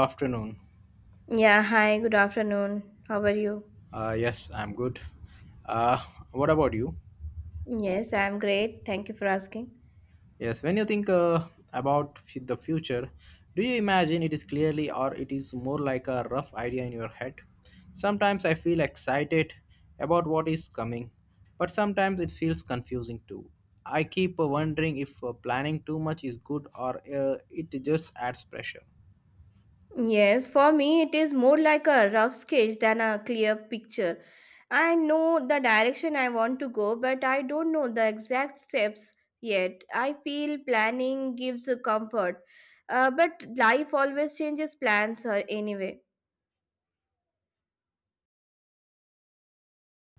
Afternoon. Yeah, hi, good afternoon. How are you? Yes, I'm good. Uh, what about you? Yes, I'm great. Thank you for asking. Yes, when you think about the future, do you imagine it is clearly or it is more like a rough idea in your head? Sometimes I feel excited about what is coming, but sometimes it feels confusing too. I keep wondering if planning too much is good or it just adds pressure. Yes, for me, it is more like a rough sketch than a clear picture. I know the direction I want to go, but I don't know the exact steps yet. I feel planning gives a comfort, but life always changes plans anyway.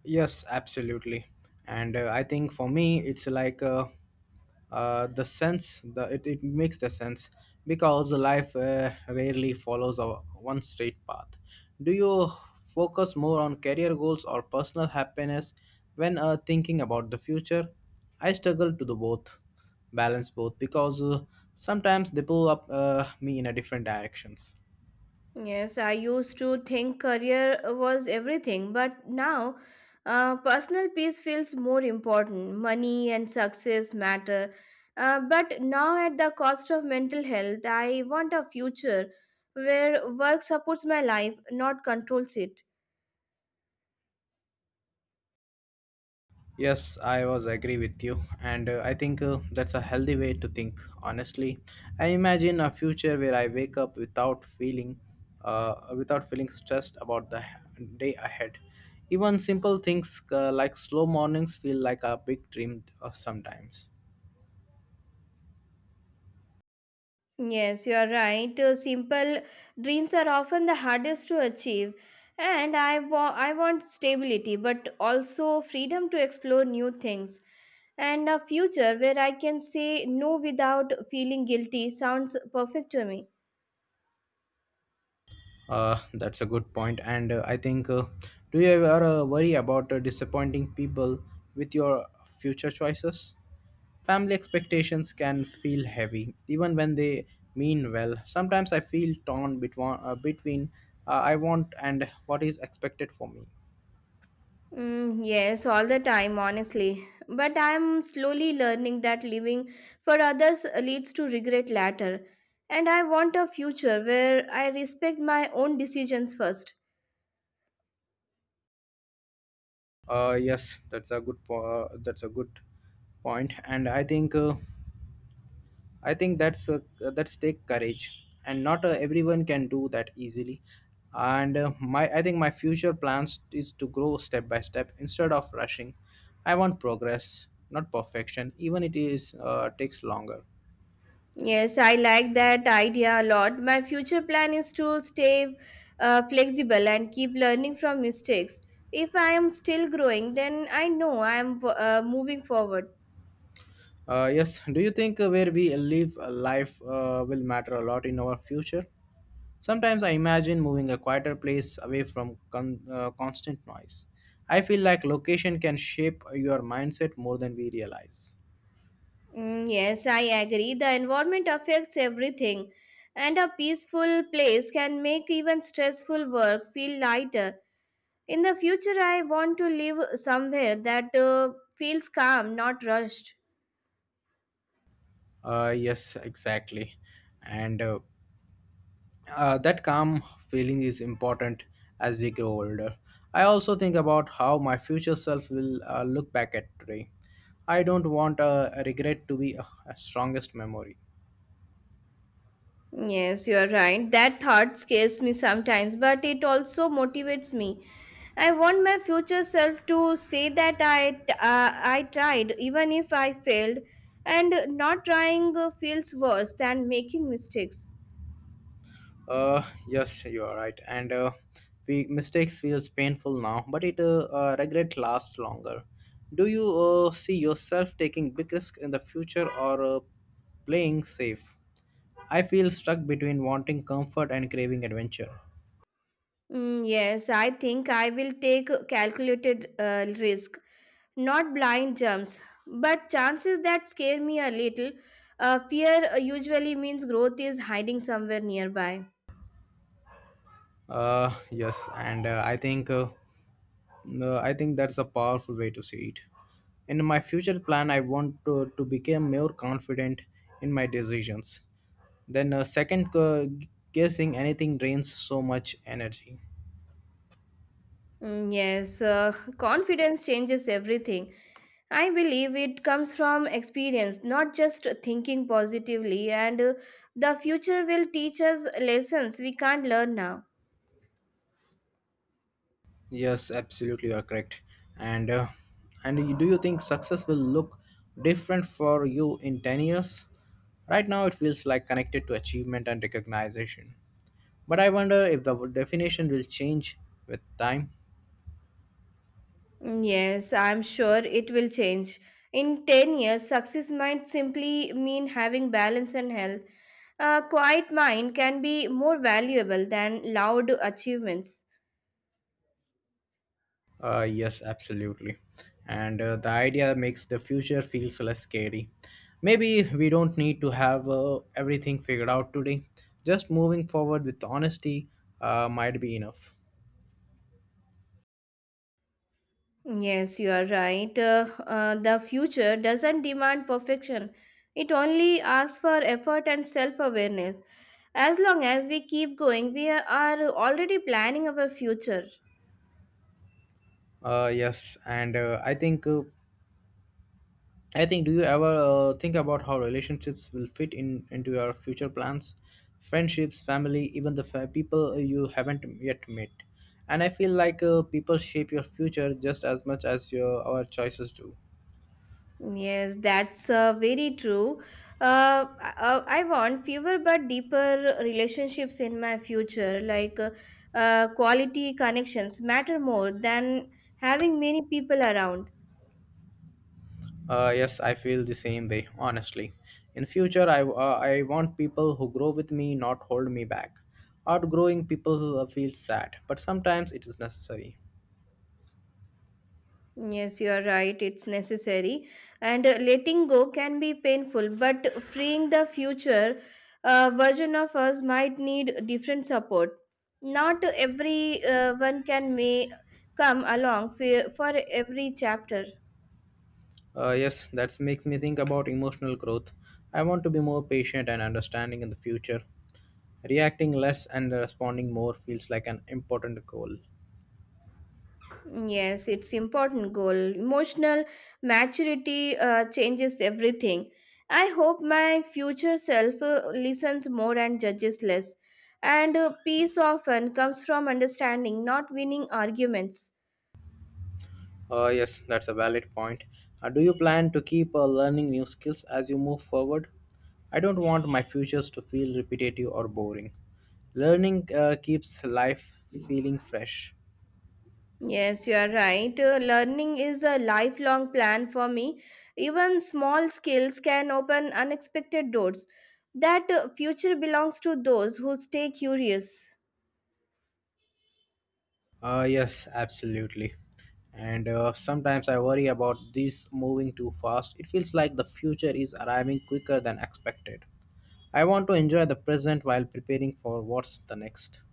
Yes, absolutely. And I think for me, it's like the sense, it makes the sense because life rarely follows a one straight path. Do you focus more on career goals or personal happiness when thinking about the future? I struggle to do both, balance both because sometimes they pull up me in a different directions. Yes, I used to think career was everything, but now personal peace feels more important. Money and success matter, but now at the cost of mental health, I want a future where work supports my life, not controls it. Yes, I was agree with you, and I think that's a healthy way to think. Honestly, I imagine a future where I wake up without feeling, without feeling stressed about the day ahead. Even simple things like slow mornings feel like a big dream sometimes. Yes, you are right. Simple dreams are often the hardest to achieve. And I want stability, but also freedom to explore new things. And a future where I can say no without feeling guilty sounds perfect to me. That's a good point, and I think, do you ever worry about disappointing people with your future choices? Family expectations can feel heavy, even when they mean well. Sometimes I feel torn between, between I want and what is expected for me. Mm, yes, all the time, honestly. But I'm slowly learning that living for others leads to regret later. And I want a future where I respect my own decisions first. Yes, that's a good point, and I think that's take courage, and not everyone can do that easily. And my I think my future plans is to grow step by step instead of rushing. I want progress, not perfection, even it is takes longer. Yes, I like that idea a lot. My future plan is to stay flexible and keep learning from mistakes. If I am still growing, then I know I am moving forward. Yes. Do you think where we live life will matter a lot in our future? Sometimes I imagine moving a quieter place away from constant noise. I feel like location can shape your mindset more than we realize. Mm, yes, I agree. The environment affects everything, and a peaceful place can make even stressful work feel lighter. In the future, I want to live somewhere that feels calm, not rushed. Yes, exactly. And that calm feeling is important as we grow older. I also think about how my future self will look back at today. I don't want a regret to be a strongest memory. Yes, you are right. That thought scares me sometimes, but it also motivates me. I want my future self to say that I tried even if I failed, and not trying feels worse than making mistakes. Uh, yes, you are right. And we mistakes feels painful now, but it regret lasts longer. Do you see yourself taking big risk in the future or playing safe? I feel stuck between wanting comfort and craving adventure. Mm, yes, I think I will take calculated risk, not blind jumps. But chances that scare me a little, fear usually means growth is hiding somewhere nearby. Yes, and I think that's a powerful way to see it. In my future plan, I want to become more confident in my decisions. Then a second guessing anything drains so much energy. Mm, yes, confidence changes everything. I believe it comes from experience, not just thinking positively, and the future will teach us lessons we can't learn now. Yes, absolutely, you are correct. And do you think success will look different for you in 10 years? Right now, it feels like connected to achievement and recognition. But I wonder if the definition will change with time. Mm, yes, I'm sure it will change. In 10 years, success might simply mean having balance and health. A quiet mind can be more valuable than loud achievements. Yes, absolutely. And the idea makes the future feels less scary. Maybe we don't need to have everything figured out today. Just moving forward with honesty might be enough. Yes, you are right. The future doesn't demand perfection, it only asks for effort and self awareness. As long as we keep going, we are already planning our future. Yes, and I think do you ever think about how relationships will fit in into your future plans, friendships, family, even people you haven't yet met. And I feel like people shape your future just as much as your our choices do. Yes, that's very true. Uh, I want fewer but deeper relationships in my future. Quality connections matter more than having many people around. Yes, I feel the same way, honestly. In future, I want people who grow with me, not hold me back. Outgrowing people who, feels sad, but sometimes it is necessary. Yes, you are right. It's necessary. And letting go can be painful, but freeing the future version of us might need different support. Not every one can may come along for every chapter. Yes, that makes me think about emotional growth. I want to be more patient and understanding in the future. Reacting less and responding more feels like an important goal. Yes, it's important goal. Emotional maturity changes everything. I hope my future self listens more and judges less. And peace often comes from understanding, not winning arguments. Yes, that's a valid point. Do you plan to keep learning new skills as you move forward? I don't want my futures to feel repetitive or boring. Learning keeps life feeling fresh. Yes, you are right. Learning is a lifelong plan for me. Even small skills can open unexpected doors. That future belongs to those who stay curious. Yes, absolutely. And sometimes I worry about this moving too fast. It feels like the future is arriving quicker than expected. I want to enjoy the present while preparing for what's the next.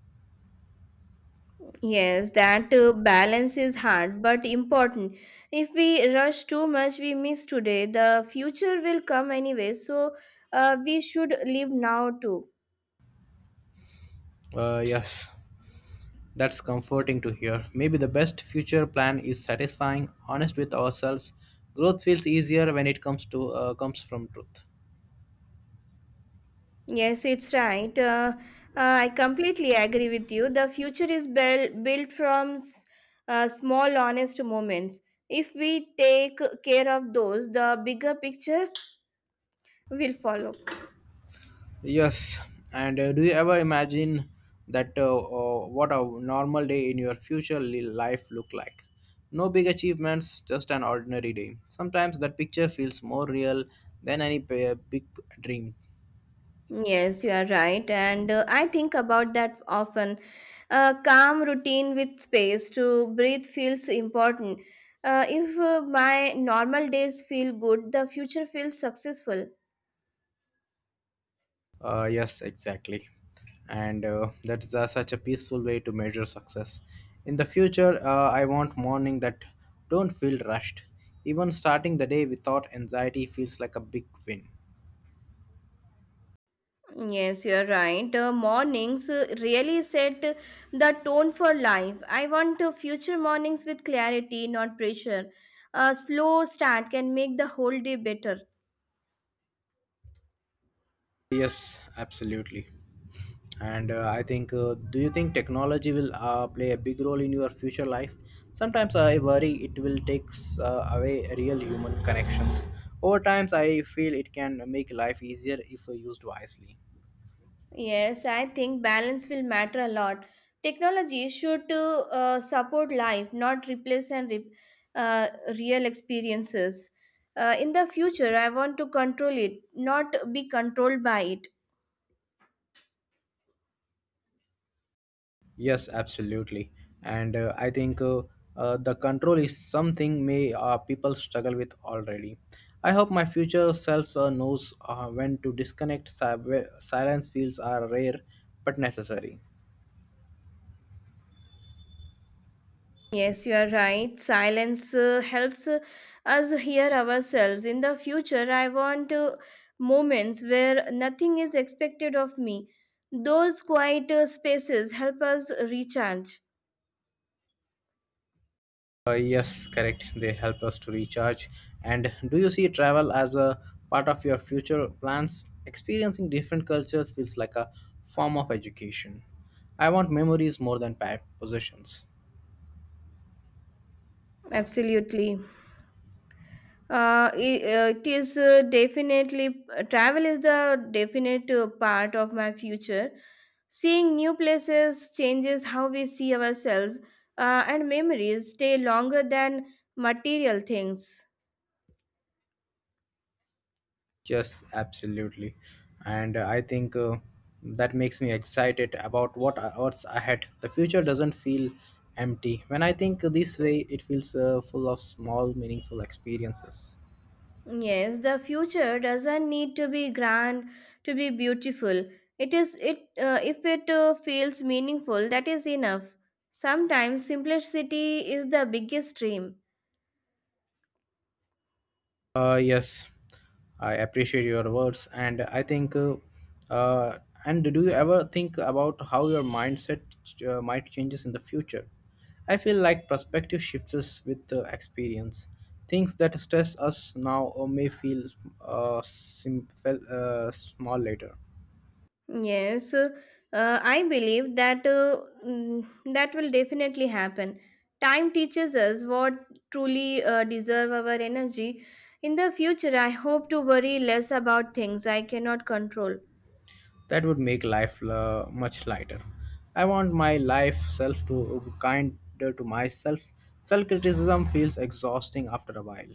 Yes, that balance is hard but important. If we rush too much, we miss today. The future will come anyway, so we should live now too. Yes. That's comforting to hear. Maybe the best future plan is satisfying, honest with ourselves. Growth feels easier when it comes from truth. Yes, it's right. I completely agree with you. The future is built from small, honest moments. If we take care of those, the bigger picture will follow. Yes, and do you ever imagine that what a normal day in your future life look like? No big achievements, just an ordinary day. Sometimes that picture feels more real than big dream. Yes, you are right. And I think about that often. A calm routine with space to breathe feels important. If my normal days feel good, the future feels successful. Yes, exactly. And that is such a peaceful way to measure success. In the future, I want morning that don't feel rushed. Even starting the day without anxiety feels like a big win. Yes, you are right. Mornings really set the tone for life. I want future mornings with clarity, not pressure. A slow start can make the whole day better. Yes, absolutely. And I think, do you think technology will play a big role in your future life? Sometimes I worry it will take away real human connections. Over times, I feel it can make life easier if used wisely. Yes, I think balance will matter a lot. Technology should support life, not replace uh, real experiences. In the future, I want to control it, not be controlled by it. Yes, absolutely. And I think the control is something may people struggle with already. I hope my future self knows when to disconnect. Si- where Silence feels are rare but necessary. Yes, you are right. Silence helps us hear ourselves. In the future, I want moments where nothing is expected of me. Those quiet spaces help us recharge. Yes, correct. They help us to recharge. And do you see travel as a part of your future plans? Experiencing different cultures feels like a form of education. I want memories more than possessions. Absolutely. I- it is Definitely travel is the definite part of my future. Seeing new places changes how we see ourselves, and memories stay longer than material things. Yes, absolutely. And I think that makes me excited about what's ahead. The future doesn't feel empty. When I think this way, it feels full of small, meaningful experiences. Yes, the future doesn't need to be grand to be beautiful. It is it if it feels meaningful, that is enough. Sometimes simplicity is the biggest dream. Yes, I appreciate your words, and I think. Uh, and do you ever think about how your mindset might changes in the future? I feel like perspective shifts with the experience. Things that stress us now or may feel small later. Yes, I believe that mm, that will definitely happen. Time teaches us what truly deserve our energy. In the future, I hope to worry less about things I cannot control. That would make life much lighter. I want my life self to kinder to myself. Self criticism feels exhausting after a while.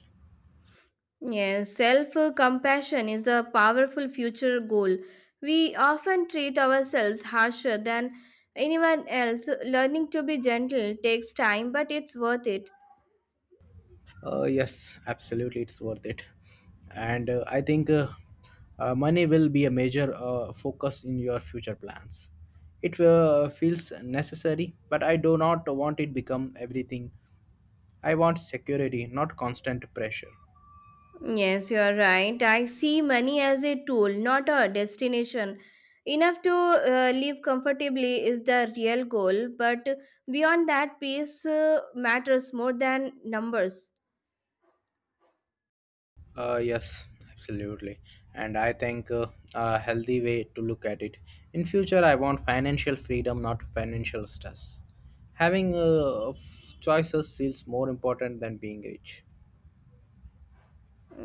Yes, self compassion is a powerful future goal. We often treat ourselves harsher than anyone else. Learning to be gentle takes time, but it's worth it. Yes, absolutely, it's worth it. And I think money will be a major focus in your future plans. It feels necessary, but I do not want it become everything. I want security, not constant pressure. Yes, you are right. I see money as a tool, not a destination. Enough to live comfortably is the real goal, but beyond that, peace matters more than numbers. Yes, absolutely. And I think a healthy way to look at it. In future, I want financial freedom, not financial stress. Having choices feels more important than being rich.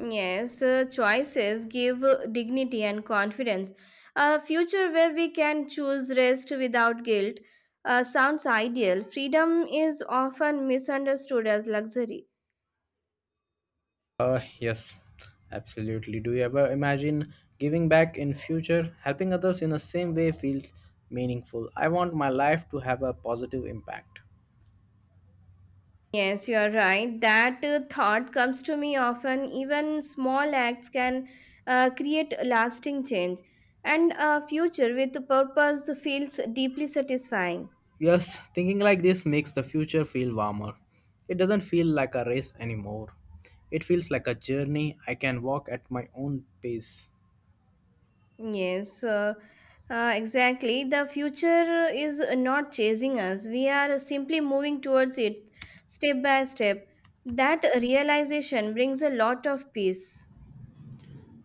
Yes, choices give dignity and confidence. A future where we can choose rest without guilt sounds ideal. Freedom is often misunderstood as luxury. Yes, absolutely. Do you ever imagine giving back in future? Helping others in the same way feels meaningful. I want my life to have a positive impact. Yes, you are right. That thought comes to me often. Even small acts can create a lasting change, and a future with purpose feels deeply satisfying. Yes, thinking like this makes the future feel warmer. It doesn't feel like a race anymore. It feels like a journey I can walk at my own pace. Yes, exactly. The future is not chasing us, we are simply moving towards it step by step. That realization brings a lot of peace.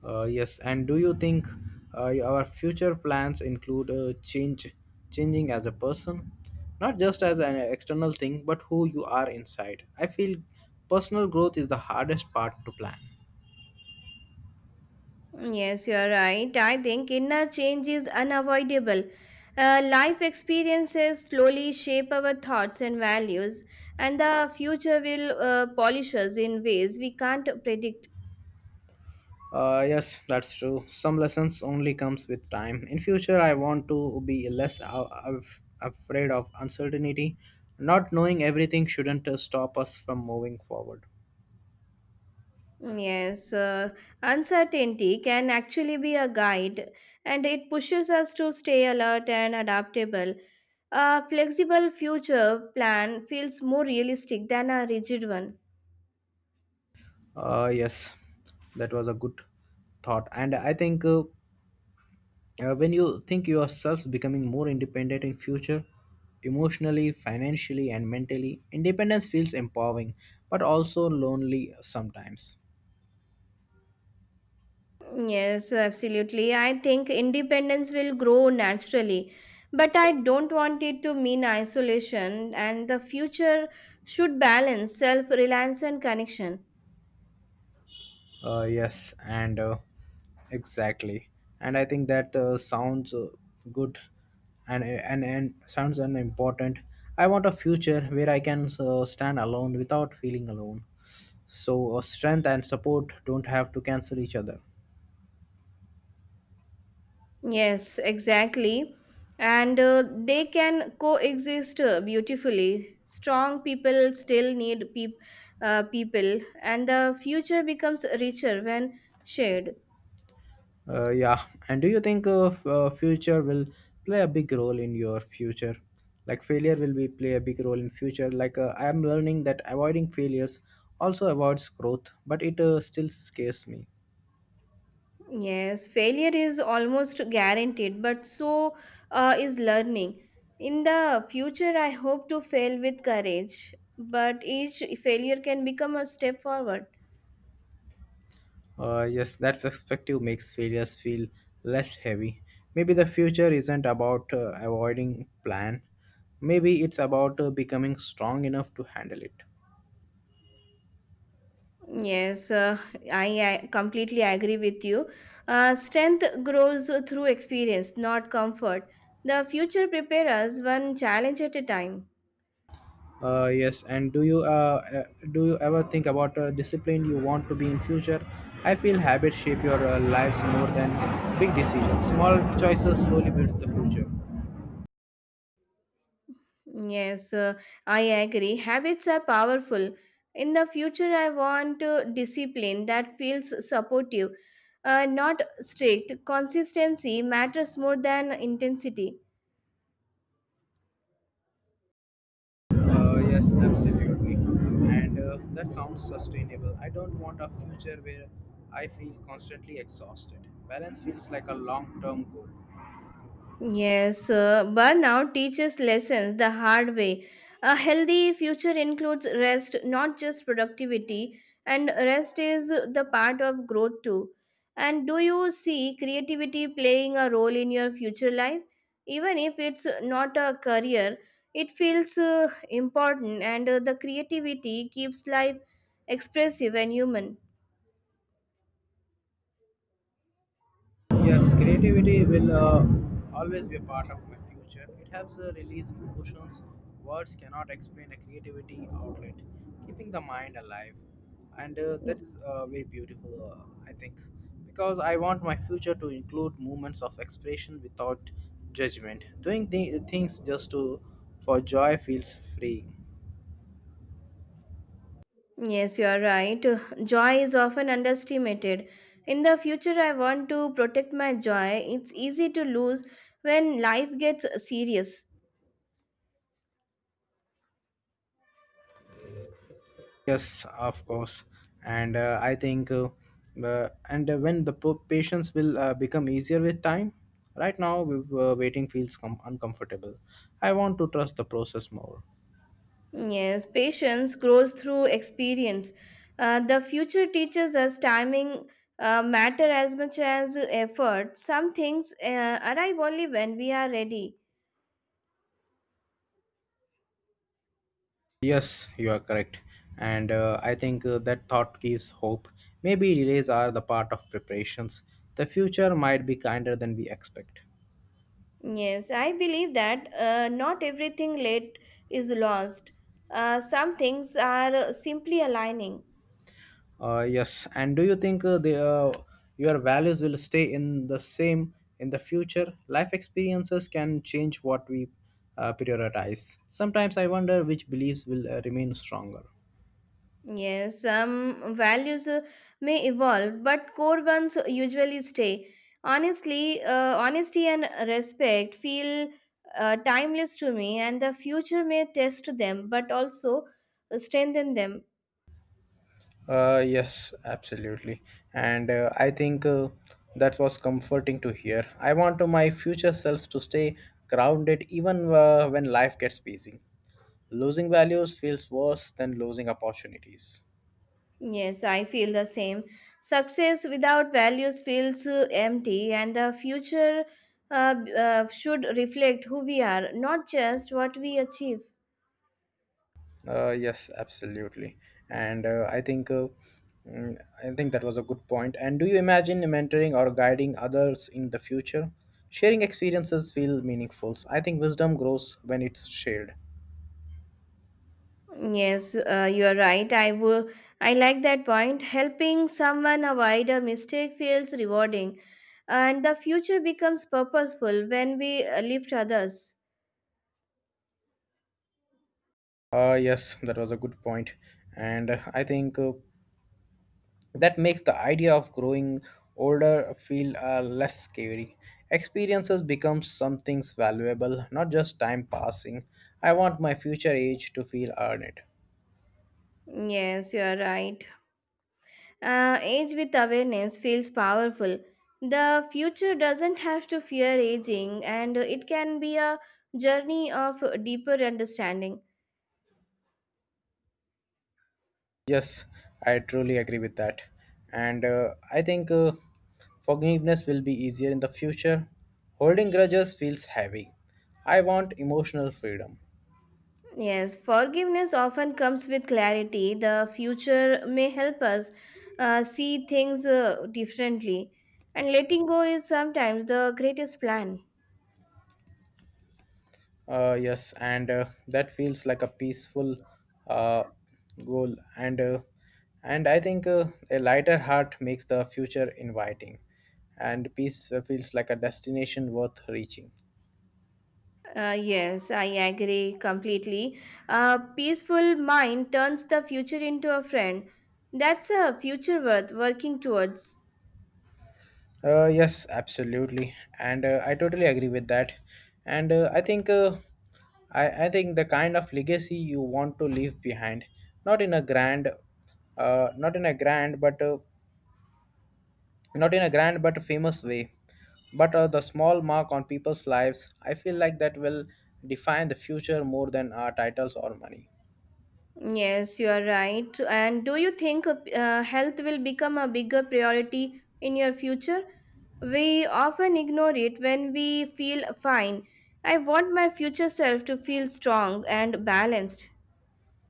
Yes, and do you think our future plans include change, changing as a person, not just as an external thing, but who you are inside? I feel personal growth is the hardest part to plan. Yes, you are right. I think inner change is unavoidable. Life experiences slowly shape our thoughts and values, and the future will polish us in ways we can't predict. Yes, that's true. Some lessons only comes with time. In future, I want to be less afraid of uncertainty. Not knowing everything shouldn't stop us from moving forward. Yes, uncertainty can actually be a guide, and it pushes us to stay alert and adaptable. A flexible future plan feels more realistic than a rigid one. Yes, that was a good thought, and I think. When you think yourselves becoming more independent in future emotionally financially and mentally independence feels empowering but also lonely sometimes Yes, absolutely. I think independence will grow naturally, but I don't want it to mean isolation, and the future should balance self reliance and connection. Yes and exactly and I think that sounds good and sounds an important I want a future where I can stand alone without feeling alone so strength and support don't have to cancel each other. Yes, exactly. And they can coexist beautifully. Strong people still need people, and the future becomes richer when shared. Yeah. And do you think future will play a big role in your future? Like failure will be play a big role in future. Like I am learning that avoiding failures also avoids growth, but it still scares me. Yes, failure is almost guaranteed, but so is learning. In the future, I hope to fail with courage, but each failure can become a step forward. Yes, that perspective makes failures feel less heavy. Maybe the future isn't about avoiding plan. Maybe it's about becoming strong enough to handle it. Yes, I completely agree with you. Strength grows through experience, not comfort. The future prepares us one challenge at a time. Yes, and do you ever think about discipline you want to be in future? I feel habits shape your lives more than big decisions. Small choices slowly builds the future. Yes, I agree. Habits are powerful. In the future, I want discipline that feels supportive, not strict. Consistency matters more than intensity. Yes, absolutely, and that sounds sustainable. I don't want a future where I feel constantly exhausted. Balance feels like a long-term goal. Yes, burnout teaches lessons the hard way. A healthy future includes rest, not just productivity, and rest is the part of growth too. And do you see creativity playing a role in your future life? Even if it's not a career, it feels important, and the creativity keeps life expressive and human. Yes, creativity will always be a part of my future. It helps release emotions. Words cannot explain a creativity outlet, keeping the mind alive. And that is very beautiful, I think, because I want my future to include moments of expression without judgment. Doing things just to for joy feels free. Yes, you are right. Joy is often underestimated. In the future, I want to protect my joy. It's easy to lose when life gets serious. Yes, of course. And I think, and when the patience will become easier with time, right now waiting feels uncomfortable. I want to trust the process more. Yes, patience grows through experience. The future teaches us timing matter as much as effort. Some things arrive only when we are ready. Yes, you are correct. And I think that thought gives hope. Maybe delays are the part of preparations. The future might be kinder than we expect. Yes, I believe that not everything late is lost. Some things are simply aligning. Yes. And do you think the your values will stay in the same in the future? Life experiences can change what we prioritize. Sometimes I wonder which beliefs will remain stronger. Yes, some values may evolve, but core ones usually stay. Honestly, honesty and respect feel timeless to me, and the future may test them, but also strengthen them. Yes, absolutely. And I think that was comforting to hear. I want to my future self to stay grounded even when life gets busy. Losing values feels worse than losing opportunities. Yes, I feel the same. Success without values feels empty, and the future should reflect who we are, not just what we achieve. Yes, absolutely. And I think mm, I think that was a good point. And do you imagine mentoring or guiding others in the future? Sharing experiences feel meaningful. I think wisdom grows when it's shared. Yes, you are right. I will. I like that point. Helping someone avoid a mistake feels rewarding, and the future becomes purposeful when we lift others. Yes, that was a good point. And I think that makes the idea of growing older feel less scary. Experiences become something valuable, not just time passing. I want my future age to feel earned. Yes, you are right. Age with awareness feels powerful. The future doesn't have to fear aging, and it can be a journey of deeper understanding. Yes, I truly agree with that. And I think forgiveness will be easier in the future. Holding grudges feels heavy. I want emotional freedom. Yes, forgiveness often comes with clarity. The future may help us see things differently, and letting go is sometimes the greatest plan. Yes, and that feels like a peaceful uh, goal. And and I think a lighter heart makes the future inviting, and peace feels like a destination worth reaching. Yes, I agree completely. A peaceful mind turns the future into a friend. That's a future worth working towards. Yes, absolutely, and I totally agree with that. And I think I think the kind of legacy you want to leave behind, not in a grand, not in a grand, but not in a grand but famous way, but the small mark on people's lives. I feel like that will define the future more than our titles or money. Yes, you are right. And do you think health will become a bigger priority in your future? We often ignore it when we feel fine. I want my future self to feel strong and balanced.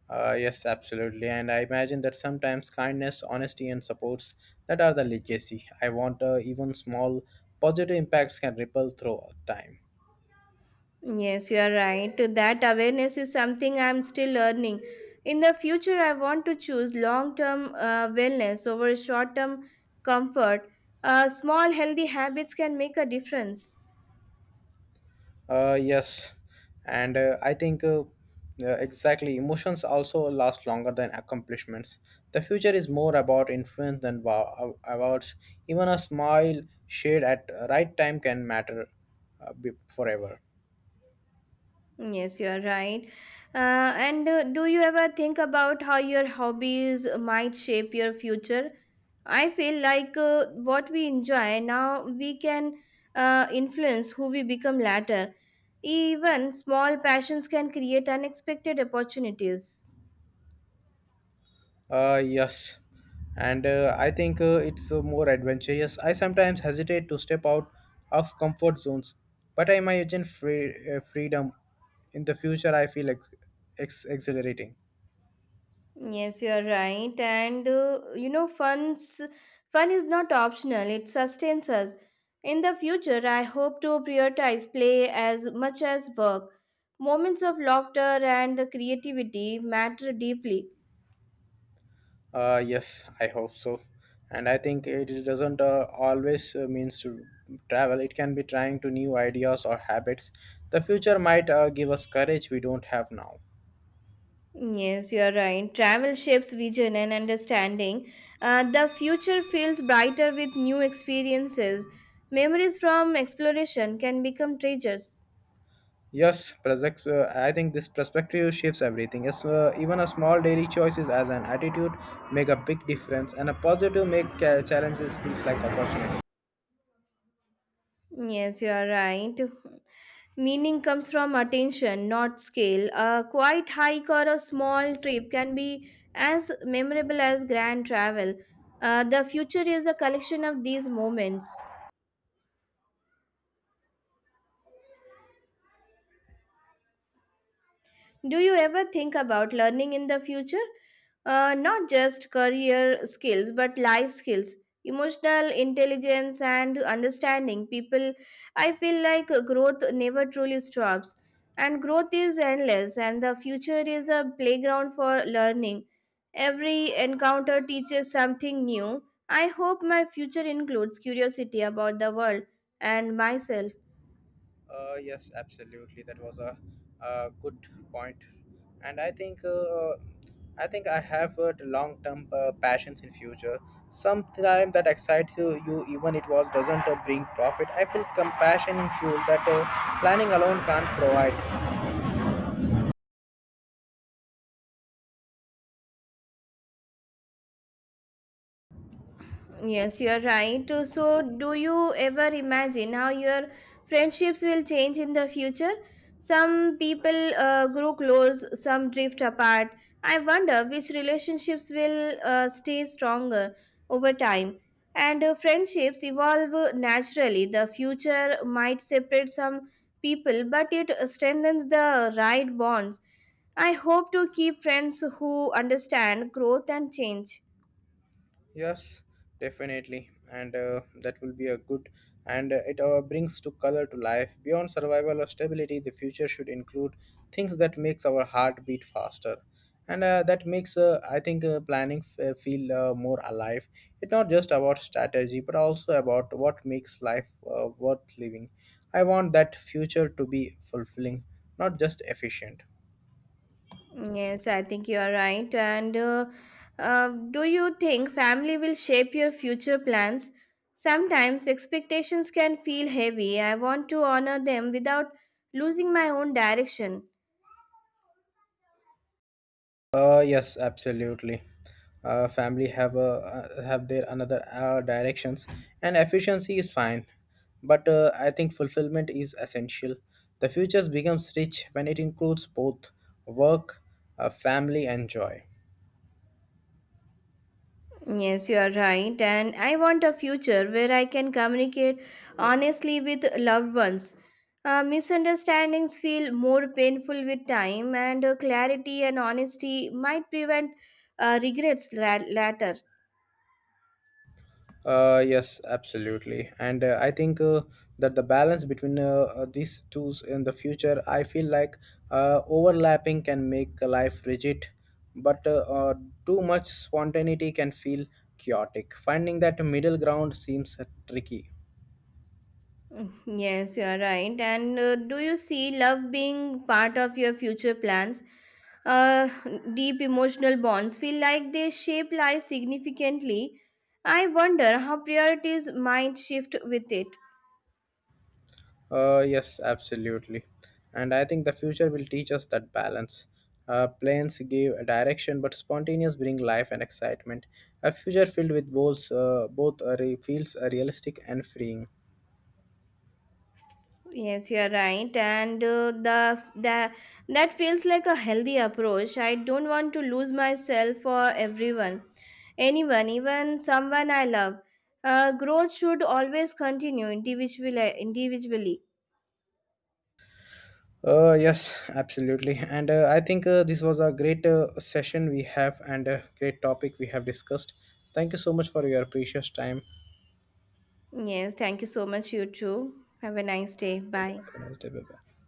Yes, absolutely. And I imagine that sometimes kindness, honesty, and supports that are the legacy. I want even small positive impacts can ripple through time. Yes, you are right. That awareness is something I am still learning. In the future, I want to choose long term wellness over short term comfort. Small healthy habits can make a difference. Yes, and I think exactly emotions also last longer than accomplishments. The future is more about influence than awards. Even a smile shared at right time can matter forever. Yes, you are right. Uh, and do you ever think about how your hobbies might shape your future? I feel like what we enjoy now, we can influence who we become later. Even small passions can create unexpected opportunities. Yes, and I think it's more adventurous. I sometimes hesitate to step out of comfort zones, but I imagine freedom in the future. I feel exhilarating. Yes, you are right. And you know, fun is not optional, it sustains us. In the future, I hope to prioritize play as much as work. Moments of laughter and creativity matter deeply. Yes, I hope so. And I think doesn't always means to travel. It can be trying to new ideas or habits. The future might give us courage we don't have now. Yes, you are right. Travel shapes vision and understanding. The future feels brighter with new experiences. Memories from exploration can become treasures. Yes, I think this perspective shapes everything. Yes, even a small daily choices as an attitude make a big difference, and a positive make challenges feels like opportunity. Yes, you are right. Meaning comes from attention, not scale. A quiet hike or a small trip can be as memorable as grand travel. The future is a collection of these moments. Do you ever think about learning in the future? Not just career skills, but life skills, emotional intelligence, and understanding people. I feel like growth never truly stops, and growth is endless, and the future is a playground for learning. Every encounter teaches something new. I hope my future includes curiosity about the world and myself. Yes, absolutely. That was a good point, and I think I think I have long term passions in future. Sometime that excites you, you even it was doesn't bring profit. I feel compassion in fuel that planning alone can't provide. Yes, you're right. So do you ever imagine how your friendships will change in the future? Some people grow close, some drift apart. I wonder which relationships will stay stronger over time. And friendships evolve naturally. The future might separate some people, but it strengthens the right bonds. I hope to keep friends who understand growth and change. Yes, definitely, and that will be a good. And it brings to color to life. Beyond survival or stability, the future should include things that makes our heart beat faster, and that makes I think feel more alive. It's not just about strategy, but also about what makes life worth living. I want that future to be fulfilling, not just efficient. Yes, I think you are right. And do you think family will shape your future plans? Sometimes expectations can feel heavy. I want to honor them without losing my own direction. Yes, absolutely. Family have a have their another directions, and efficiency is fine, but I think fulfillment is essential. The future becomes rich when it includes both work, family, and joy. Yes, you are right. And I want a future where I can communicate honestly with loved ones. Misunderstandings feel more painful with time, and clarity and honesty might prevent regrets later. Yes, absolutely. And I think that the balance between these two in the future, I feel like overlapping can make a life rigid, but too much spontaneity can feel chaotic. Finding that middle ground seems tricky. Mm, yes, you are right. And do you see love being part of your future plans? Uh, Deep emotional bonds feel like they shape life significantly. I wonder how priorities might shift with it. Yes, absolutely. And I think the future will teach us that balance. Planes give a direction, but spontaneous bring life and excitement. A future filled with both feels realistic and freeing. Yes, you are right, and the that that feels like a healthy approach. I don't want to lose myself for everyone, anyone, even someone I love. Growth should always continue individually. Individually. Yes, absolutely. And I think this was a great session we have and a great topic we have discussed. Thank you so much for your precious time. Yes, thank you so much, you too. Have a nice day. Bye. Have a nice day. Bye-bye.